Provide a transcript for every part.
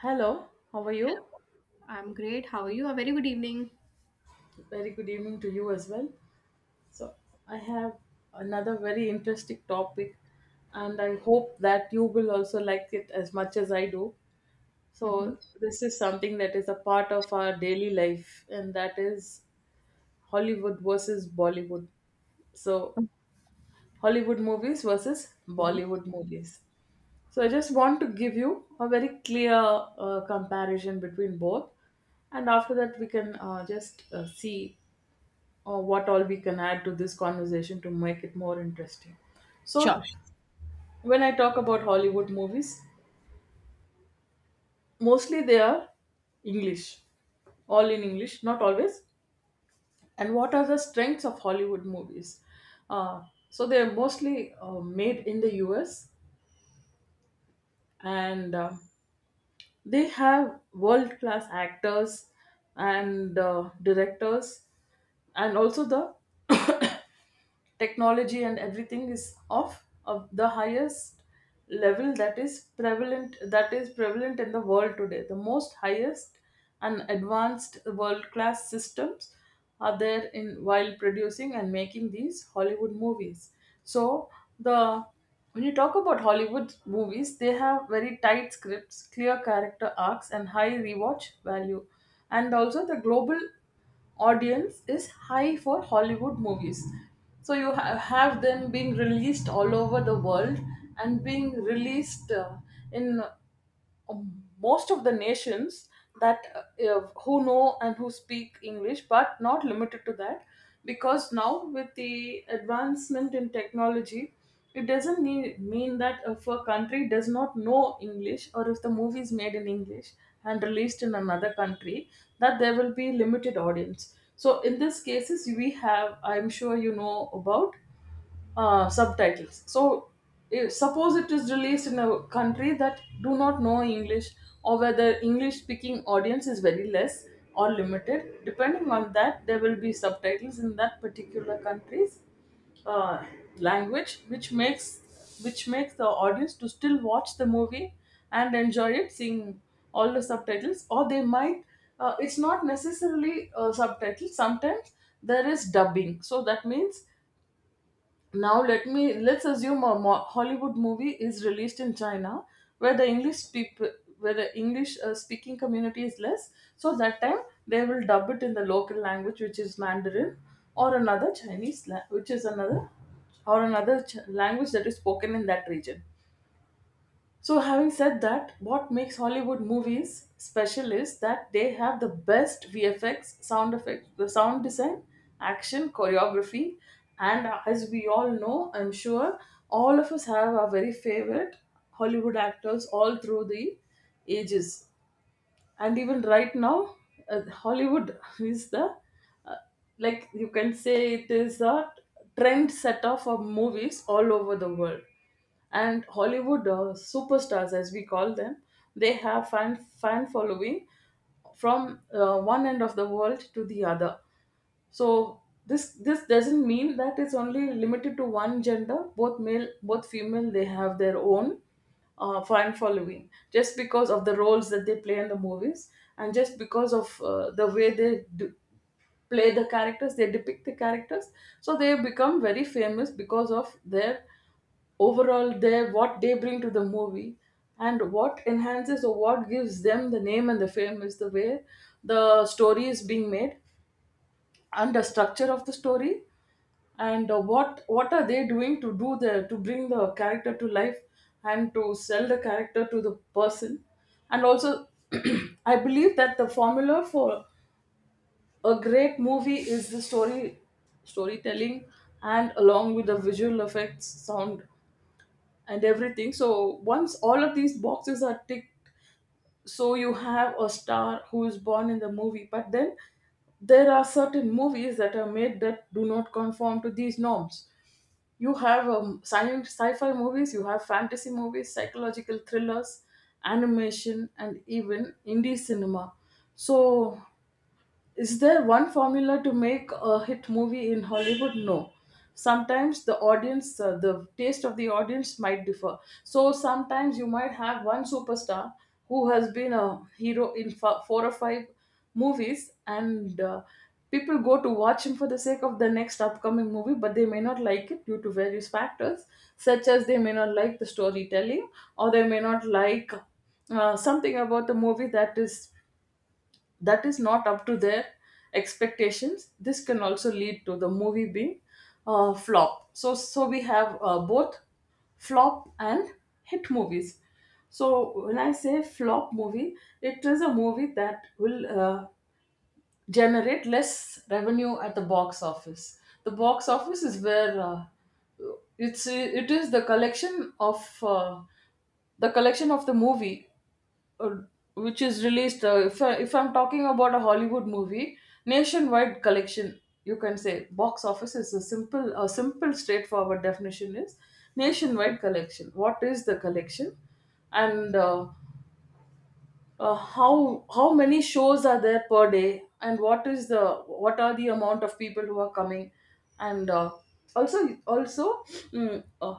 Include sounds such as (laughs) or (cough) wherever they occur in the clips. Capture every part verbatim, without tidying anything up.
Hello, how are you? I'm great. How are you? A very good evening. Very good evening to you as well. So, I have another very interesting topic, and I hope that you will also like it as much as I do. Mhm. So, this is something that is a part of our daily life, and that is Hollywood versus Bollywood. So, Hollywood movies versus Mhm. Bollywood movies. So, I just want to give you a very clear uh, comparison between both and after that we can uh, just uh, see or what all we can add to this conversation to make it more interesting. So, Sure. when I talk about Hollywood movies, mostly they are English, all in English, not always. And what are the strengths of Hollywood movies? Uh, so, they're mostly uh, made in the U S and uh, they have world class actors and uh, directors and also the technology and everything is of of the highest level that is prevalent that is prevalent in the world today, the most highest and advanced world class systems are there in while producing and making these Hollywood movies. So the, when you talk about Hollywood movies, they have very tight scripts, clear character arcs and high rewatch value. And also the global audience is high for Hollywood movies. So you ha- have them being released all over the world and being released uh, in um, most of the nations that uh, uh, who know and who speak English, but not limited to that, because now with the advancement in technology it doesn't need, mean that if a country does not know English, or if the movie is made in English and released in another country, that there will be limited audience. So in these cases we have, I'm sure you know about, uh, subtitles. So, if, suppose it is released in a country that do not know English, or whether English-speaking audience is very less or limited. Depending on that, there will be subtitles in that particular country's uh, language, which makes which makes the audience to still watch the movie and enjoy it, seeing all the subtitles. Or they might. Uh, it's not necessarily uh, subtitles. Sometimes there is dubbing. So that means, now let me let's assume a mo- Hollywood movie is released in China, where the English people, where the English uh, speaking community is less, so that time they will dub it in the local language, which is Mandarin, or another chinese la- which is another, or another ch- language that is spoken in that region. So, having said that, what makes Hollywood movies special is that they have the best V F X, sound effects, the sound design, action, choreography, and as we all know, I'm sure all of us have our very favorite Hollywood actors all through the ages. And even right now, uh, Hollywood (laughs) is the, like you can say, it is a trend setter for movies all over the world. And Hollywood uh, superstars, as we call them, they have fan fan following from uh, one end of the world to the other. So this this doesn't mean that it's only limited to one gender. Both male, both female, they have their own uh, fan following just because of the roles that they play in the movies, and just because of uh, the way they do, play the characters, they depict the characters. So they become very famous because of their overall, their what they bring to the movie. And what enhances or what gives them the name and the fame is the way the story is being made and the structure of the story. And uh, what what are they doing to do the to bring the character to life and to sell the character to the person. And also (clears throat) I believe that the formula for a great movie is the story, storytelling, and along with the visual effects, sound and everything. So once all of these boxes are ticked, so you have a star who is born in the movie. But then there are certain movies that are made that do not conform to these norms. You have um, science sci-fi movies, you have fantasy movies, psychological thrillers, animation and even indie cinema. So is there one formula to make a hit movie in Hollywood? No. Sometimes the audience, uh, the taste of the audience might differ. So sometimes you might have one superstar who has been a hero in f- four or five movies, and uh, people go to watch him for the sake of the next upcoming movie, but they may not like it due to various factors, such as they may not like the storytelling, or they may not like uh, something about the movie that is that is not up to their expectations. This can also lead to the movie being uh, flop. So so we have uh, both flop and hit movies. So when I say flop movie, it is a movie that will uh, generate less revenue at the box office. The box office is where, uh, it's, it is the collection of uh, the collection of the movie, uh, which is released, uh, if, I, if I'm talking about a Hollywood movie, nationwide collection. You can say box office is a simple, a simple straightforward definition is nationwide collection. What is the collection, and uh, uh, how how many shows are there per day, and what is the, what are the amount of people who are coming, and uh, also also mm, uh,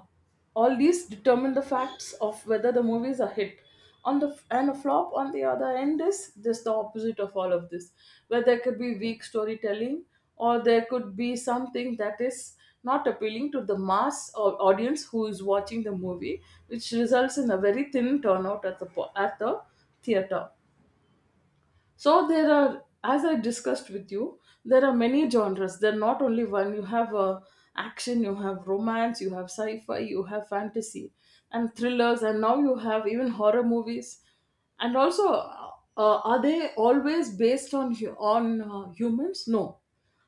all these determine the facts of whether the movies are hit. On the, and a flop on the other end is just the opposite of all of this, where there could be weak storytelling, or there could be something that is not appealing to the mass or audience who is watching the movie, which results in a very thin turnout at the po- at the theater. So there are, as I discussed with you, there are many genres. They're not only one. You have uh, action, you have romance, you have sci-fi, you have fantasy, and thrillers, and now you have even horror movies. And also, uh, are they always based on hu- on uh, humans? No,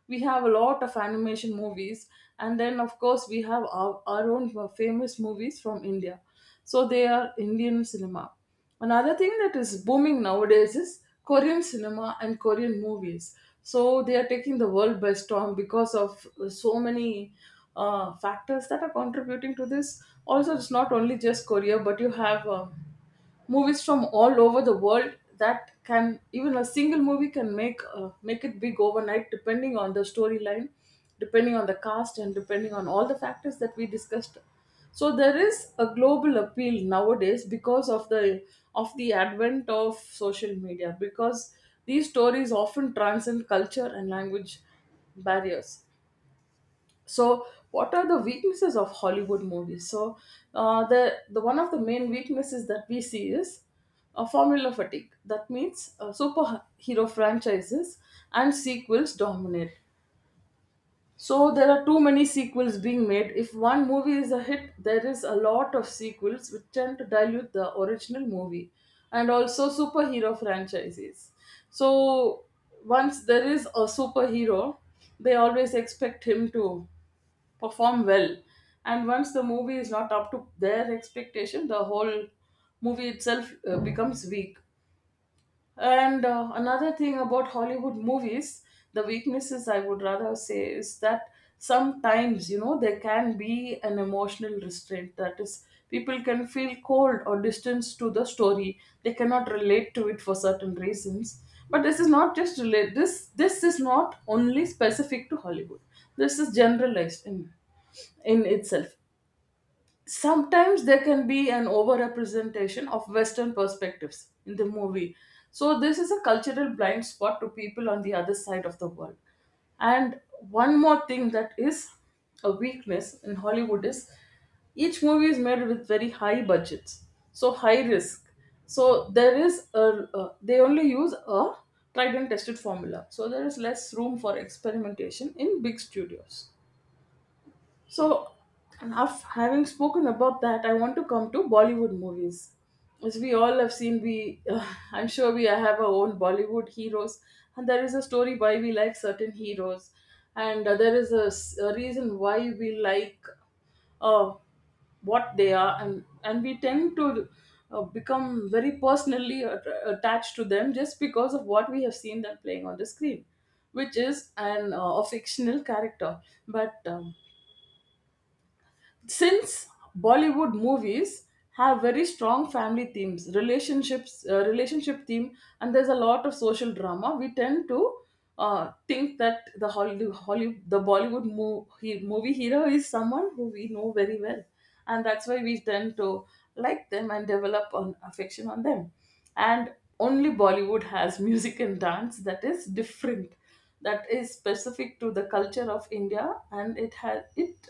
we have a lot of animation movies. And then of course we have our, our own famous movies from India. So they are Indian cinema. Another thing that is booming nowadays is Korean cinema and Korean movies. So they are taking the world by storm because of so many uh, factors that are contributing to this. Also, it's not only just Korea, but you have um movies from all over the world that can, even a single movie can make uh, make it big overnight, depending on the storyline, depending on the cast, and depending on all the factors that we discussed. So there is a global appeal nowadays because of the of the advent of social media, because these stories often transcend culture and language barriers. So what are the weaknesses of Hollywood movies? So uh, the, the one of the main weaknesses that we see is a formula fatigue. That means uh, superhero franchises and sequels dominate. So there are too many sequels being made. If one movie is a hit, there is a lot of sequels which tend to dilute the original movie. And also superhero franchises. So once there is a superhero, they always expect him to perform well. And once the movie is not up to their expectation, the whole movie itself uh, becomes weak. And uh, another thing about Hollywood movies, the weaknesses I would rather say, is that sometimes, you know, there can be an emotional restraint. That is, people can feel cold or distance to the story. They cannot relate to it for certain reasons. But this is not just relate. This this is not only specific to Hollywood. This is generalized in in itself. Sometimes there can be an overrepresentation of western perspectives in the movie. So this is a cultural blind spot to people on the other side of the world. And one more thing that is a weakness in Hollywood is, each movie is made with very high budgets, so high risk. So there is a, a they only use a tried and tested formula. So there is less room for experimentation in big studios. So, enough having spoken about that, I want to come to Bollywood movies. As we all have seen, we uh, (laughs) I'm sure we have our own Bollywood heroes, and there is a story why we like certain heroes, and uh, there is a, s- a reason why we like uh, what they are, and and we tend to uh, become very personally at- attached to them just because of what we have seen them playing on the screen, which is an uh, a fictional character, but. Um, since bollywood movies have very strong family themes relationships uh, relationship theme, and there's a lot of social drama. We tend to uh, think that the hollywood, hollywood the bollywood mo- he- movie hero is someone who we know very well, and that's why we tend to like them and develop an affection on them. And only bollywood has music and dance that is different, that is specific to the culture of india, and it has it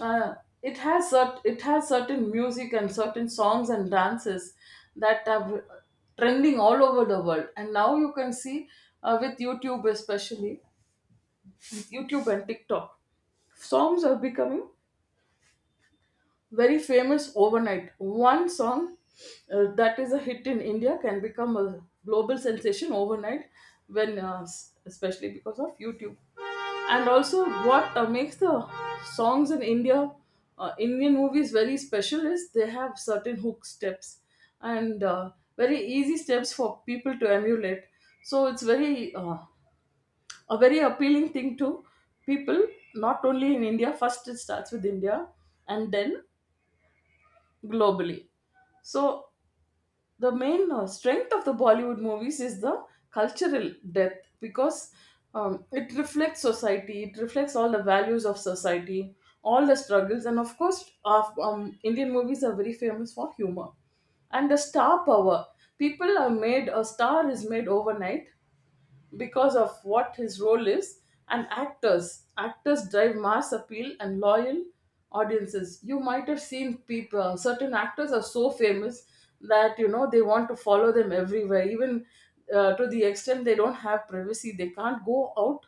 uh, it has cert- it has certain music and certain songs and dances that are trending all over the world. And now you can see, uh, with youtube especially, with youtube and tiktok songs are becoming very famous overnight. One song uh, that is a hit in India can become a global sensation overnight, when uh, s- especially because of YouTube. And also, what uh, makes the songs in India, uh, Indian movies very special is they have certain hook steps and uh, very easy steps for people to emulate. So it's very uh, a very appealing thing to people, not only in India. First, it starts with India, and then globally. So the main uh, strength of the Bollywood movies is the cultural depth, because um, it reflects society, it reflects all the values of society, all the struggles, and of course, of, um, Indian movies are very famous for humor and the star power. People are made, a star is made overnight because of what his role is, and actors actors drive mass appeal and loyal audiences. You might have seen people, certain actors are so famous that, you know, they want to follow them everywhere. Even uh, to the extent they don't have privacy, they can't go out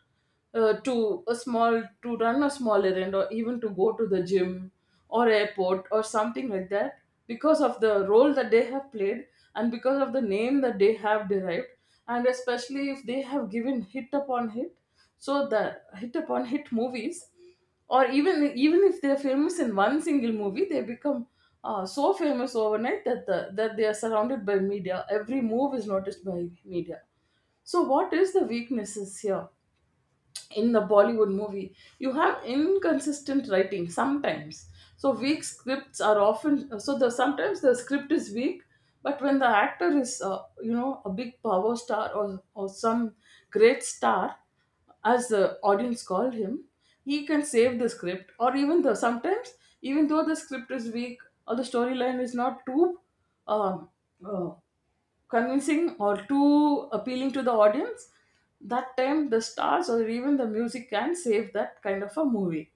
uh, to a small to run a small errand, or even to go to the gym or airport or something like that, because of the role that they have played and because of the name that they have derived, and especially if they have given hit upon hit. So the hit upon hit movies, or even even if they're famous in one single movie, they become uh, so famous overnight that the, that they are surrounded by media, every move is noticed by media. So what is the weaknesses here in the Bollywood movie? You have inconsistent writing sometimes. So weak scripts are often, so the sometimes the script is weak, but when the actor is, uh, you know, a big power star, or or some great star, as the audience called him, he can save the script. Or even though sometimes, even though the script is weak or the storyline is not too um, uh, convincing or too appealing to the audience, that time the stars or even the music can save that kind of a movie.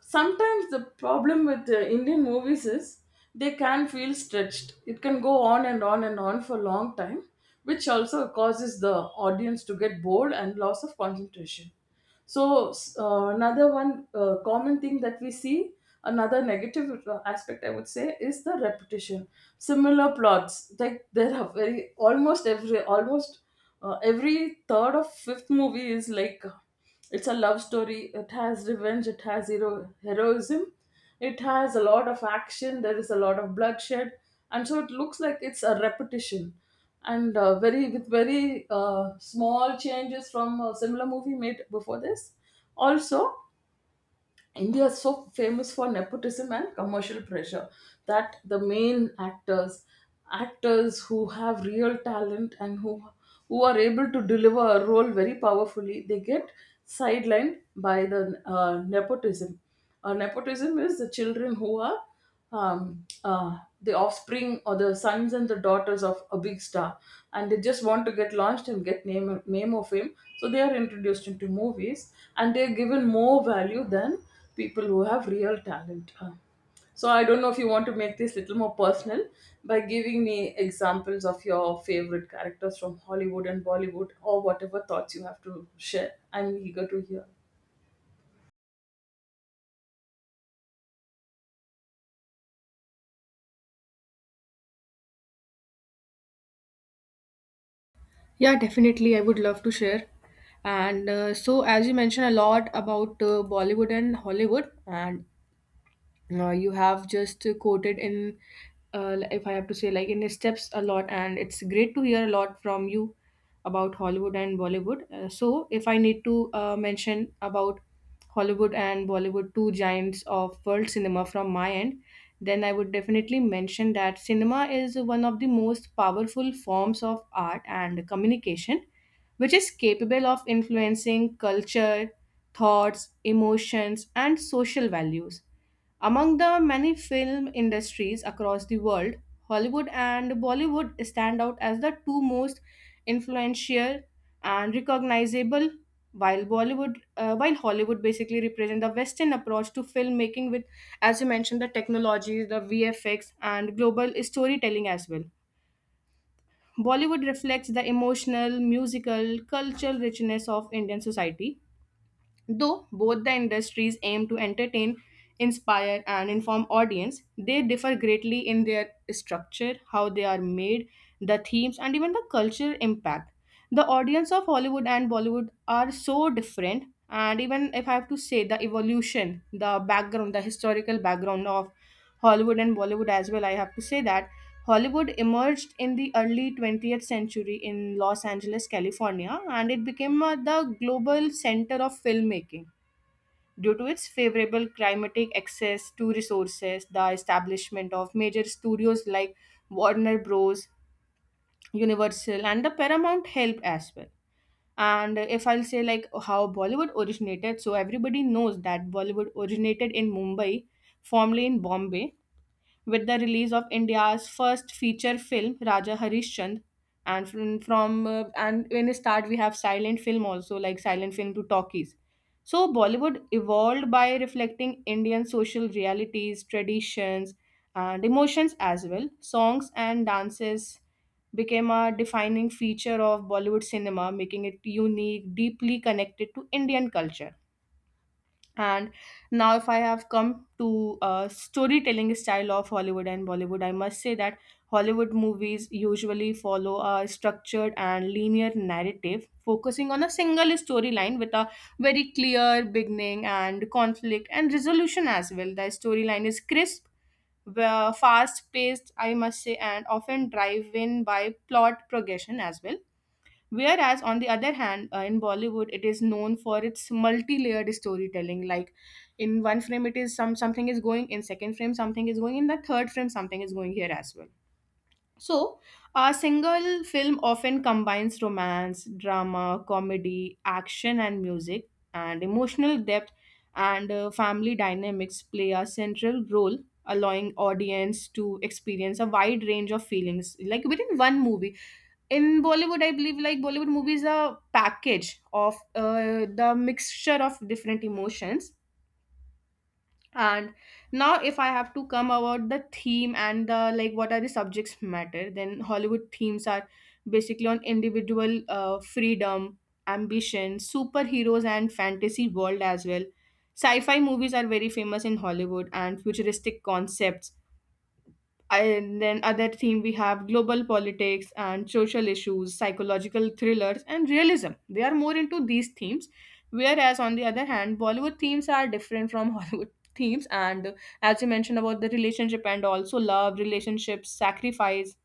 Sometimes the problem with uh, Indian movies is they can feel stretched. It can go on and on and on for a long time, which also causes the audience to get bored and loss of concentration. So s- uh, another one uh, common thing that we see, another negative uh, aspect I would say is the repetition. Similar plots, like there are very almost every almost uh, every third or fifth movie is like, it's a love story. It has revenge. It has hero- heroism. It has a lot of action. There is a lot of bloodshed, and so it looks like it's a repetition, and uh, very, with very uh, small changes from a similar movie made before this. Also, India is so famous for nepotism and commercial pressure that the main actors, actors who have real talent and who who are able to deliver a role very powerfully, they get sidelined by the uh, nepotism. Uh, nepotism is the children who are um, uh, the offspring or the sons and the daughters of a big star, and they just want to get launched and get name name of him. So they are introduced into movies, and they are given more value than people who have real talent. Uh, so I don't know if you want to make this little more personal by giving me examples of your favorite characters from Hollywood and Bollywood, or whatever thoughts you have to share. I'm eager to hear. Yeah, definitely. I would love to share. And uh, so, as you mentioned a lot about uh, Bollywood and Hollywood, and uh, you have just quoted in uh, if I have to say like in his steps a lot, and it's great to hear a lot from you about Hollywood and Bollywood. Uh, so if I need to uh, mention about Hollywood and Bollywood, two giants of world cinema, from my end, then I would definitely mention that cinema is one of the most powerful forms of art and communication, which is capable of influencing culture, thoughts, emotions, and social values. Among the many film industries across the world, Hollywood and Bollywood stand out as the two most influential and recognizable. While Bollywood, uh, while Hollywood basically represent the Western approach to filmmaking with, as you mentioned, the technology, the V F X, and global storytelling as well, Bollywood reflects the emotional, musical, cultural richness of Indian society. Though both the industries aim to entertain, inspire, and inform audience, they differ greatly in their structure, how they are made, the themes, and even the cultural impact. The audience of Hollywood and Bollywood are so different, and even if I have to say the evolution, the background, the historical background of Hollywood and Bollywood as well, I have to say that Hollywood emerged in the early twentieth century in Los Angeles, California, and it became uh, the global center of filmmaking due to its favorable climatic access to resources. The establishment of major studios like Warner Bros., Universal, and the Paramount helped as well. And if I'll say like how Bollywood originated, so everybody knows that Bollywood originated in Mumbai, formerly in Bombay, with the release of India's first feature film, Raja Harishchand. And from, from uh, and when we start, we have silent film also, like silent film to talkies. So Bollywood evolved by reflecting Indian social realities, traditions, and emotions as well. Songs and dances became a defining feature of Bollywood cinema, making it unique, deeply connected to Indian culture. And now, if I have come to uh, storytelling style of Hollywood and Bollywood, I must say that Hollywood movies usually follow a structured and linear narrative, focusing on a single storyline with a very clear beginning and conflict and resolution as well. The storyline is crisp, fast paced, I must say, and often driven by plot progression as well. Whereas, on the other hand, uh, in Bollywood, it is known for its multi-layered storytelling. Like in one frame, it is some something is going, in second frame, something is going, in the third frame, something is going here as well. So a single film often combines romance, drama, comedy, action, and music, and emotional depth, and uh, family dynamics play a central role, allowing audience to experience a wide range of feelings, like within one movie. In Bollywood, I believe, like Bollywood movies are package of uh, the mixture of different emotions. And now if I have to come about the theme and the like what are the subjects matter, then Hollywood themes are basically on individual uh, freedom, ambition, superheroes, and fantasy world as well. Sci-fi movies are very famous in Hollywood, and futuristic concepts, and then other theme we have global politics and social issues, psychological thrillers and realism. They are more into these themes. Whereas on the other hand, Bollywood themes are different from (laughs) Hollywood themes. And as you mentioned about the relationship and also love, relationships, sacrifice,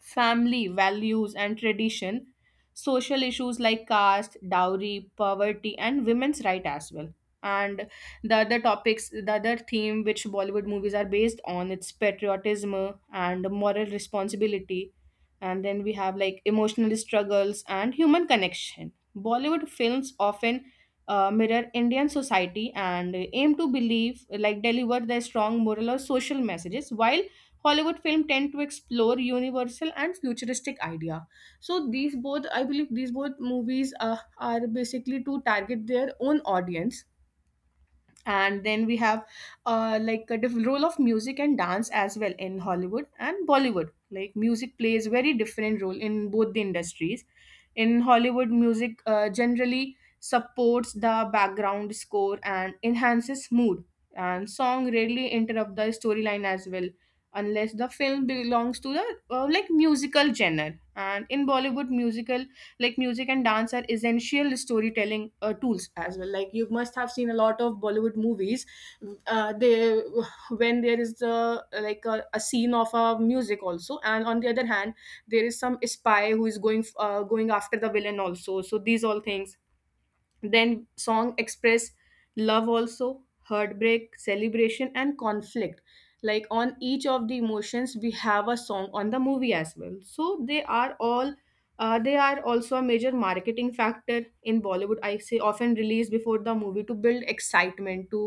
family values and tradition, social issues like caste, dowry, poverty, and women's right as well. And the other topics, the other theme which Bollywood movies are based on, it's patriotism and moral responsibility. And then we have like emotional struggles and human connection. Bollywood films often uh, mirror Indian society and aim to believe, like deliver their strong moral or social messages, while Hollywood film tend to explore universal and futuristic idea. So these both, I believe, these both movies uh, are basically to target their own audience. And then we have uh, like a diff- role of music and dance as well in Hollywood and Bollywood. Like music plays very different role in both the industries. In Hollywood, music uh, generally supports the background score and enhances mood, and song rarely interrupt the storyline as well, unless the film belongs to the uh, like musical genre. And in Bollywood musical, like music and dance are essential storytelling uh, tools as well. Like you must have seen a lot of Bollywood movies. Uh, they When there is the like a, a scene of a music also, and on the other hand there is some spy who is going uh, going after the villain also, so these all things. Then song express love also, heartbreak, celebration, and conflict, like on each of the emotions we have a song on the movie as well. So they are all uh, they are also a major marketing factor in Bollywood, I say, often released before the movie to build excitement, to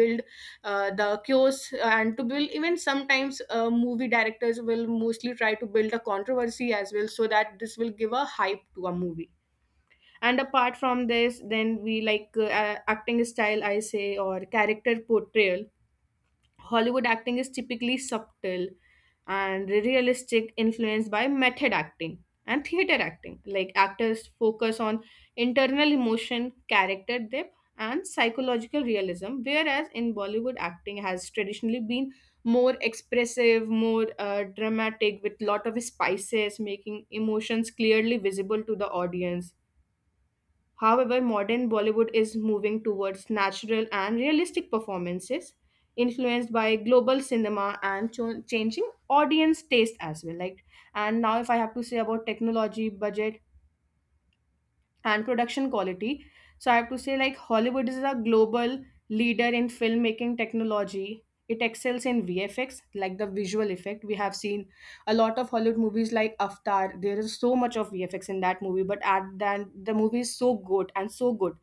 build uh, the chaos, and to build even sometimes uh, movie directors will mostly try to build a controversy as well, so that this will give a hype to a movie. And apart from this, then we like uh, a- acting style, I say, or character portrayal. Hollywood acting is typically subtle and realistic, influenced by method acting and theater acting. Like actors focus on internal emotion, character depth, and psychological realism, whereas in Bollywood acting has traditionally been more expressive, more uh, dramatic, with lot of spices, making emotions clearly visible to the audience. However, modern Bollywood is moving towards natural and realistic performances, influenced by global cinema and cho- changing audience taste as well. Like, and now if I have to say about technology, budget, and production quality. So I have to say, like, Hollywood is a global leader in filmmaking technology. It excels in V F X, like the visual effect. We have seen a lot of Hollywood movies like Avatar. There is so much of V F X in that movie, but at then the movie is so good and so good.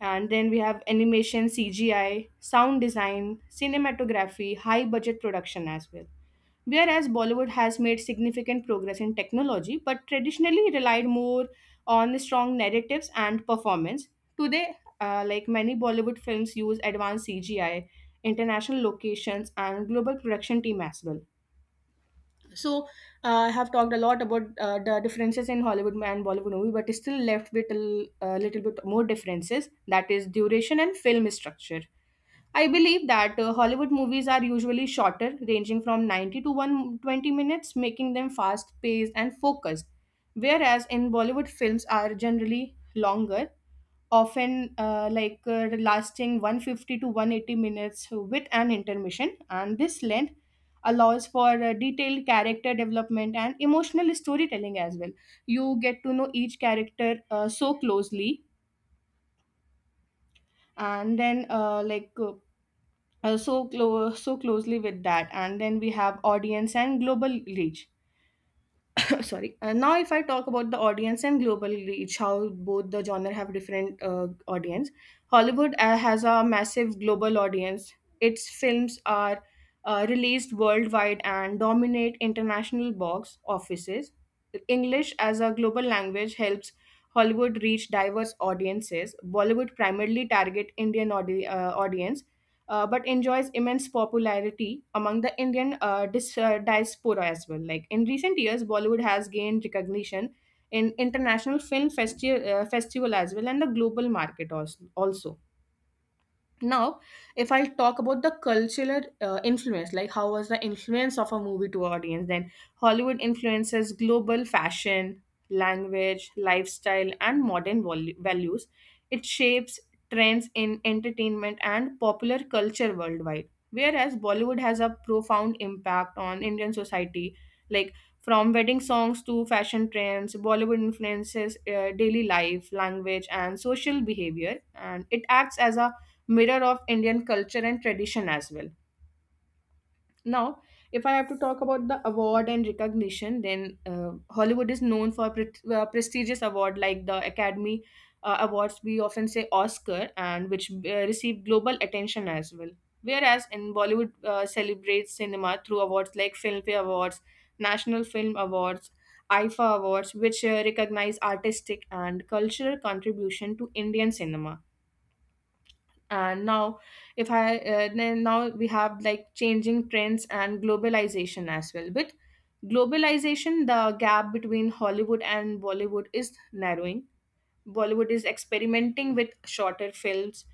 And then we have animation, C G I, sound design, cinematography, high budget production as well. Whereas Bollywood has made significant progress in technology, but traditionally relied more on strong narratives and performance. Today, uh, like many Bollywood films, use advanced C G I, international locations, and global production team as well. So uh, I have talked a lot about uh, the differences in Hollywood and Bollywood movie, but still left with a l- a little bit more differences. That is duration and film structure. I believe that uh, Hollywood movies are usually shorter, ranging from ninety to one hundred twenty minutes, making them fast paced and focused. Whereas in Bollywood films are generally longer, often uh, like uh, lasting one hundred fifty to one hundred eighty minutes with an intermission. And this length allows for uh, detailed character development and emotional storytelling as well. You get to know each character uh, so closely, and then uh, like uh, uh, so clo- so closely with that. And then we have audience and global reach. (coughs) Sorry, uh, now if I talk about the audience and global reach, how both the genre have different uh, audience. Hollywood uh, has a massive global audience. Its films are uh, released worldwide and dominate international box offices. English as a global language helps Hollywood reach diverse audiences. Bollywood primarily target indian audi- uh, audience, uh, but enjoys immense popularity among the Indian uh, dis- uh, diaspora as well. Like in recent years, Bollywood has gained recognition in international film festi- uh, festival as well, and the global market also. also. Now, if I'll talk about the cultural uh, influence, like how was the influence of a movie to audience, then Hollywood influences global fashion, language, lifestyle, and modern vol- values. It shapes trends in entertainment and popular culture worldwide. Whereas Bollywood has a profound impact on Indian society, like from wedding songs to fashion trends, Bollywood influences uh, daily life, language, and social behavior, and it acts as a mirror of Indian culture and tradition as well. Now, if I have to talk about the award and recognition, then uh, Hollywood is known for pre- uh, prestigious award like the Academy uh, Awards. We often say Oscar, and which uh, receive global attention as well. Whereas in Bollywood uh, celebrates cinema through awards like Filmfare Awards, National Film Awards, I F A Awards, which uh, recognize artistic and cultural contribution to Indian cinema. And now, if I uh, then now we have like changing trends and globalization as well. With globalization, the gap between Hollywood and Bollywood is narrowing. Bollywood is experimenting with shorter films,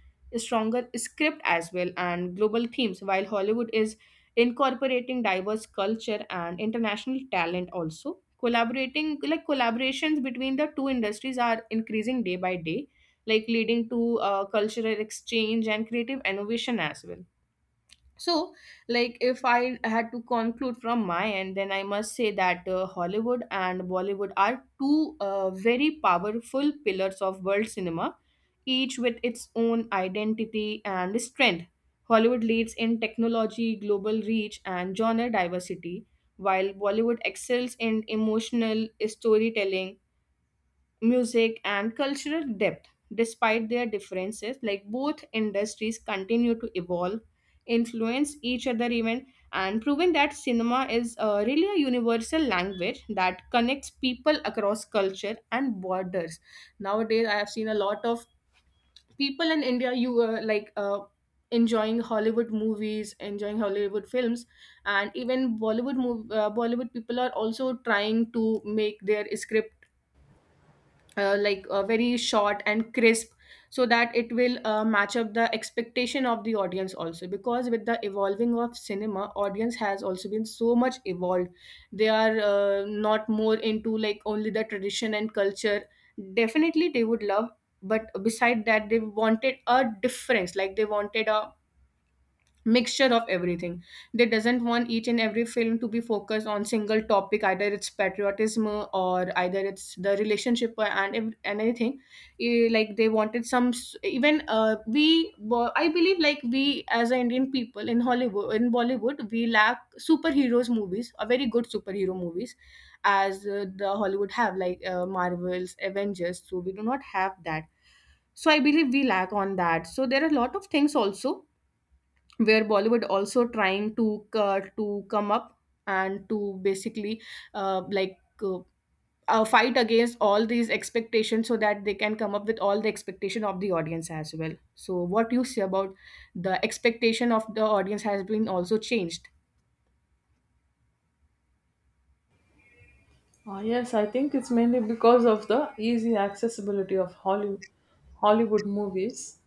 stronger script as well, and global themes, while Hollywood is incorporating diverse culture and international talent also. Collaborating, like collaborations between the two industries are increasing day by day, like leading to uh, cultural exchange and creative innovation as well. So, like, if I had to conclude from my end, then I must say that uh, Hollywood and Bollywood are two uh, very powerful pillars of world cinema, each with its own identity and strength. Hollywood leads in technology, global reach, and genre diversity, while Bollywood excels in emotional storytelling, music, and cultural depth. Despite their differences, like both industries continue to evolve, influence each other even, and proving that cinema is uh, really a universal language that connects people across culture and borders. Nowadays, I have seen a lot of people in India you uh, like uh, enjoying Hollywood movies, enjoying Hollywood films, and even bollywood mov- uh, Bollywood people are also trying to make their script uh, like uh, very short and crisp, so that it will uh, match up the expectation of the audience also, because with the evolving of cinema audience has also been so much evolved. They are uh, not more into like only the tradition and culture. Definitely they would love, but beside that they wanted a difference, like they wanted a mixture of everything. They doesn't want each and every film to be focused on single topic, either it's patriotism or either it's the relationship or- and ev- and anything. Eh, like they wanted some s- even uh, we bo- I believe like we as an Indian people in Hollywood in Bollywood we lack superheroes movies a very good superhero movies, as uh, the Hollywood have like uh, Marvels Avengers, so we do not have that. So I believe we lack on that. So there are a lot of things also where Bollywood also trying to uh, to come up and to basically uh, like uh, uh, fight against all these expectations, so that they can come up with all the expectation of the audience as well. So what you say about the expectation of the audience has been also changed. Ah, yes, I think it's mainly because of the easy accessibility of Holly, Hollywood movies,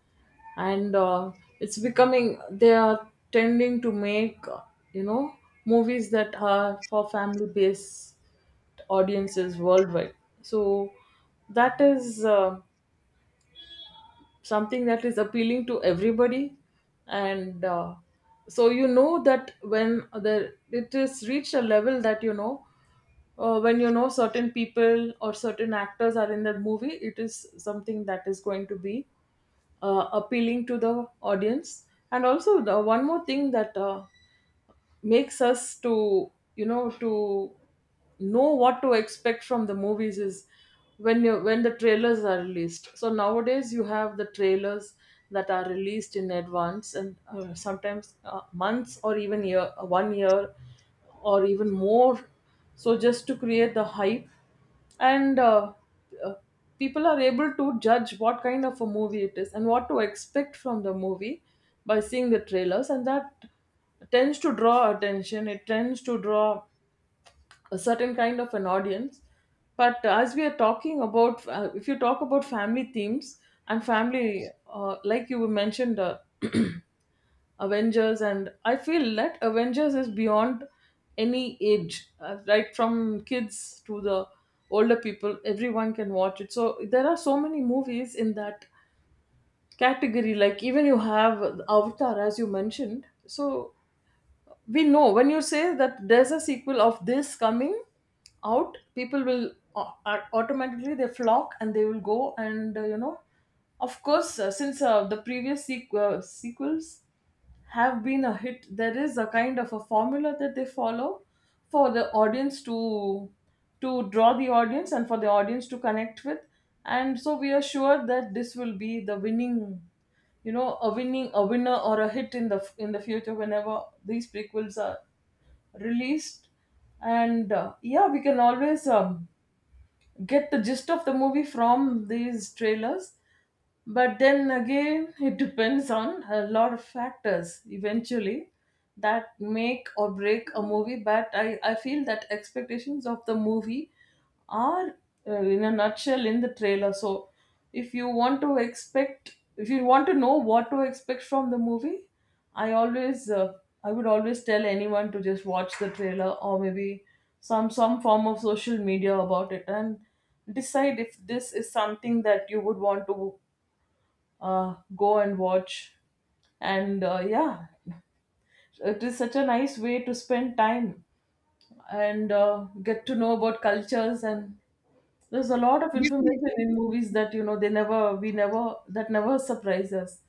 and uh, it's becoming, they are tending to make, uh, you know, movies that are for family-based audiences worldwide. So that is uh, something that is appealing to everybody, and uh, so, you know, that when the it is reached a level that, you know, uh, when you know certain people or certain actors are in that movie, it is something that is going to be uh, appealing to the audience. And also, the one more thing that uh, makes us to, you know, to know what to expect from the movies is when you when the trailers are released. So nowadays you have the trailers that are released in advance, and uh, sometimes uh, months or even year, uh, one year or even more, so just to create the hype, and uh, uh, people are able to judge what kind of a movie it is and what to expect from the movie by seeing the trailers. And that tends to draw attention, it tends to draw a certain kind of an audience. But as we are talking about, uh, if you talk about family themes and family, uh, like you mentioned, uh, (clears throat) avengers, and I feel that avengers is beyond any age, uh, right from kids to the older people, everyone can watch it. So there are so many movies in that category, like even you have avatar, as you mentioned. So we know when you say that there's a sequel of this coming out, people will au- au- automatically, they flock and they will go, and uh, you know, of course, uh, since uh, the previous sequ- uh, sequels have been a hit, there is a kind of a formula that they follow for the audience to to draw the audience and for the audience to connect with. And so we are sure that this will be the winning, you know, a winning a winner or a hit in the f- in the future whenever these prequels are released. And uh, yeah, we can always um, get the gist of the movie from these trailers. But then again, it depends on a lot of factors eventually that make or break a movie. But I, I feel that expectations of the movie are, uh, in a nutshell, in the trailer. So if you want to expect if you want to know what to expect from the movie, i always uh, I would always tell anyone to just watch the trailer, or maybe some some form of social media about it, and decide if this is something that you would want to uh, go and watch. And uh, yeah, it is such a nice way to spend time, and uh, get to know about cultures, and there's a lot of information Definitely. in movies that, you know, they never we never that never surprise us.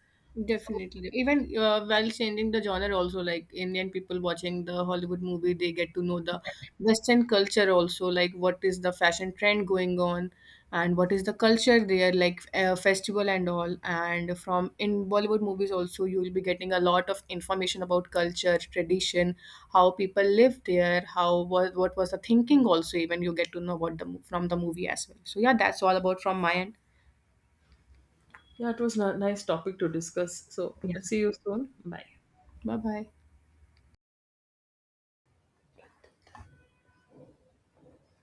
So Definitely. Even uh, while changing the genre, also like Indian people watching the Hollywood movie, they get to know the Western culture also, like what is the fashion trend going on and what is the culture there, like uh, festival and all. And from in Bollywood movies also, you will be getting a lot of information about culture, tradition, how people live there, how what, what was the thinking also. Even you get to know about the mo- from the movie as well. So yeah, that's all about from my end. yeah, it was a nice topic to discuss. So Yeah. see you soon. Bye. Bye bye.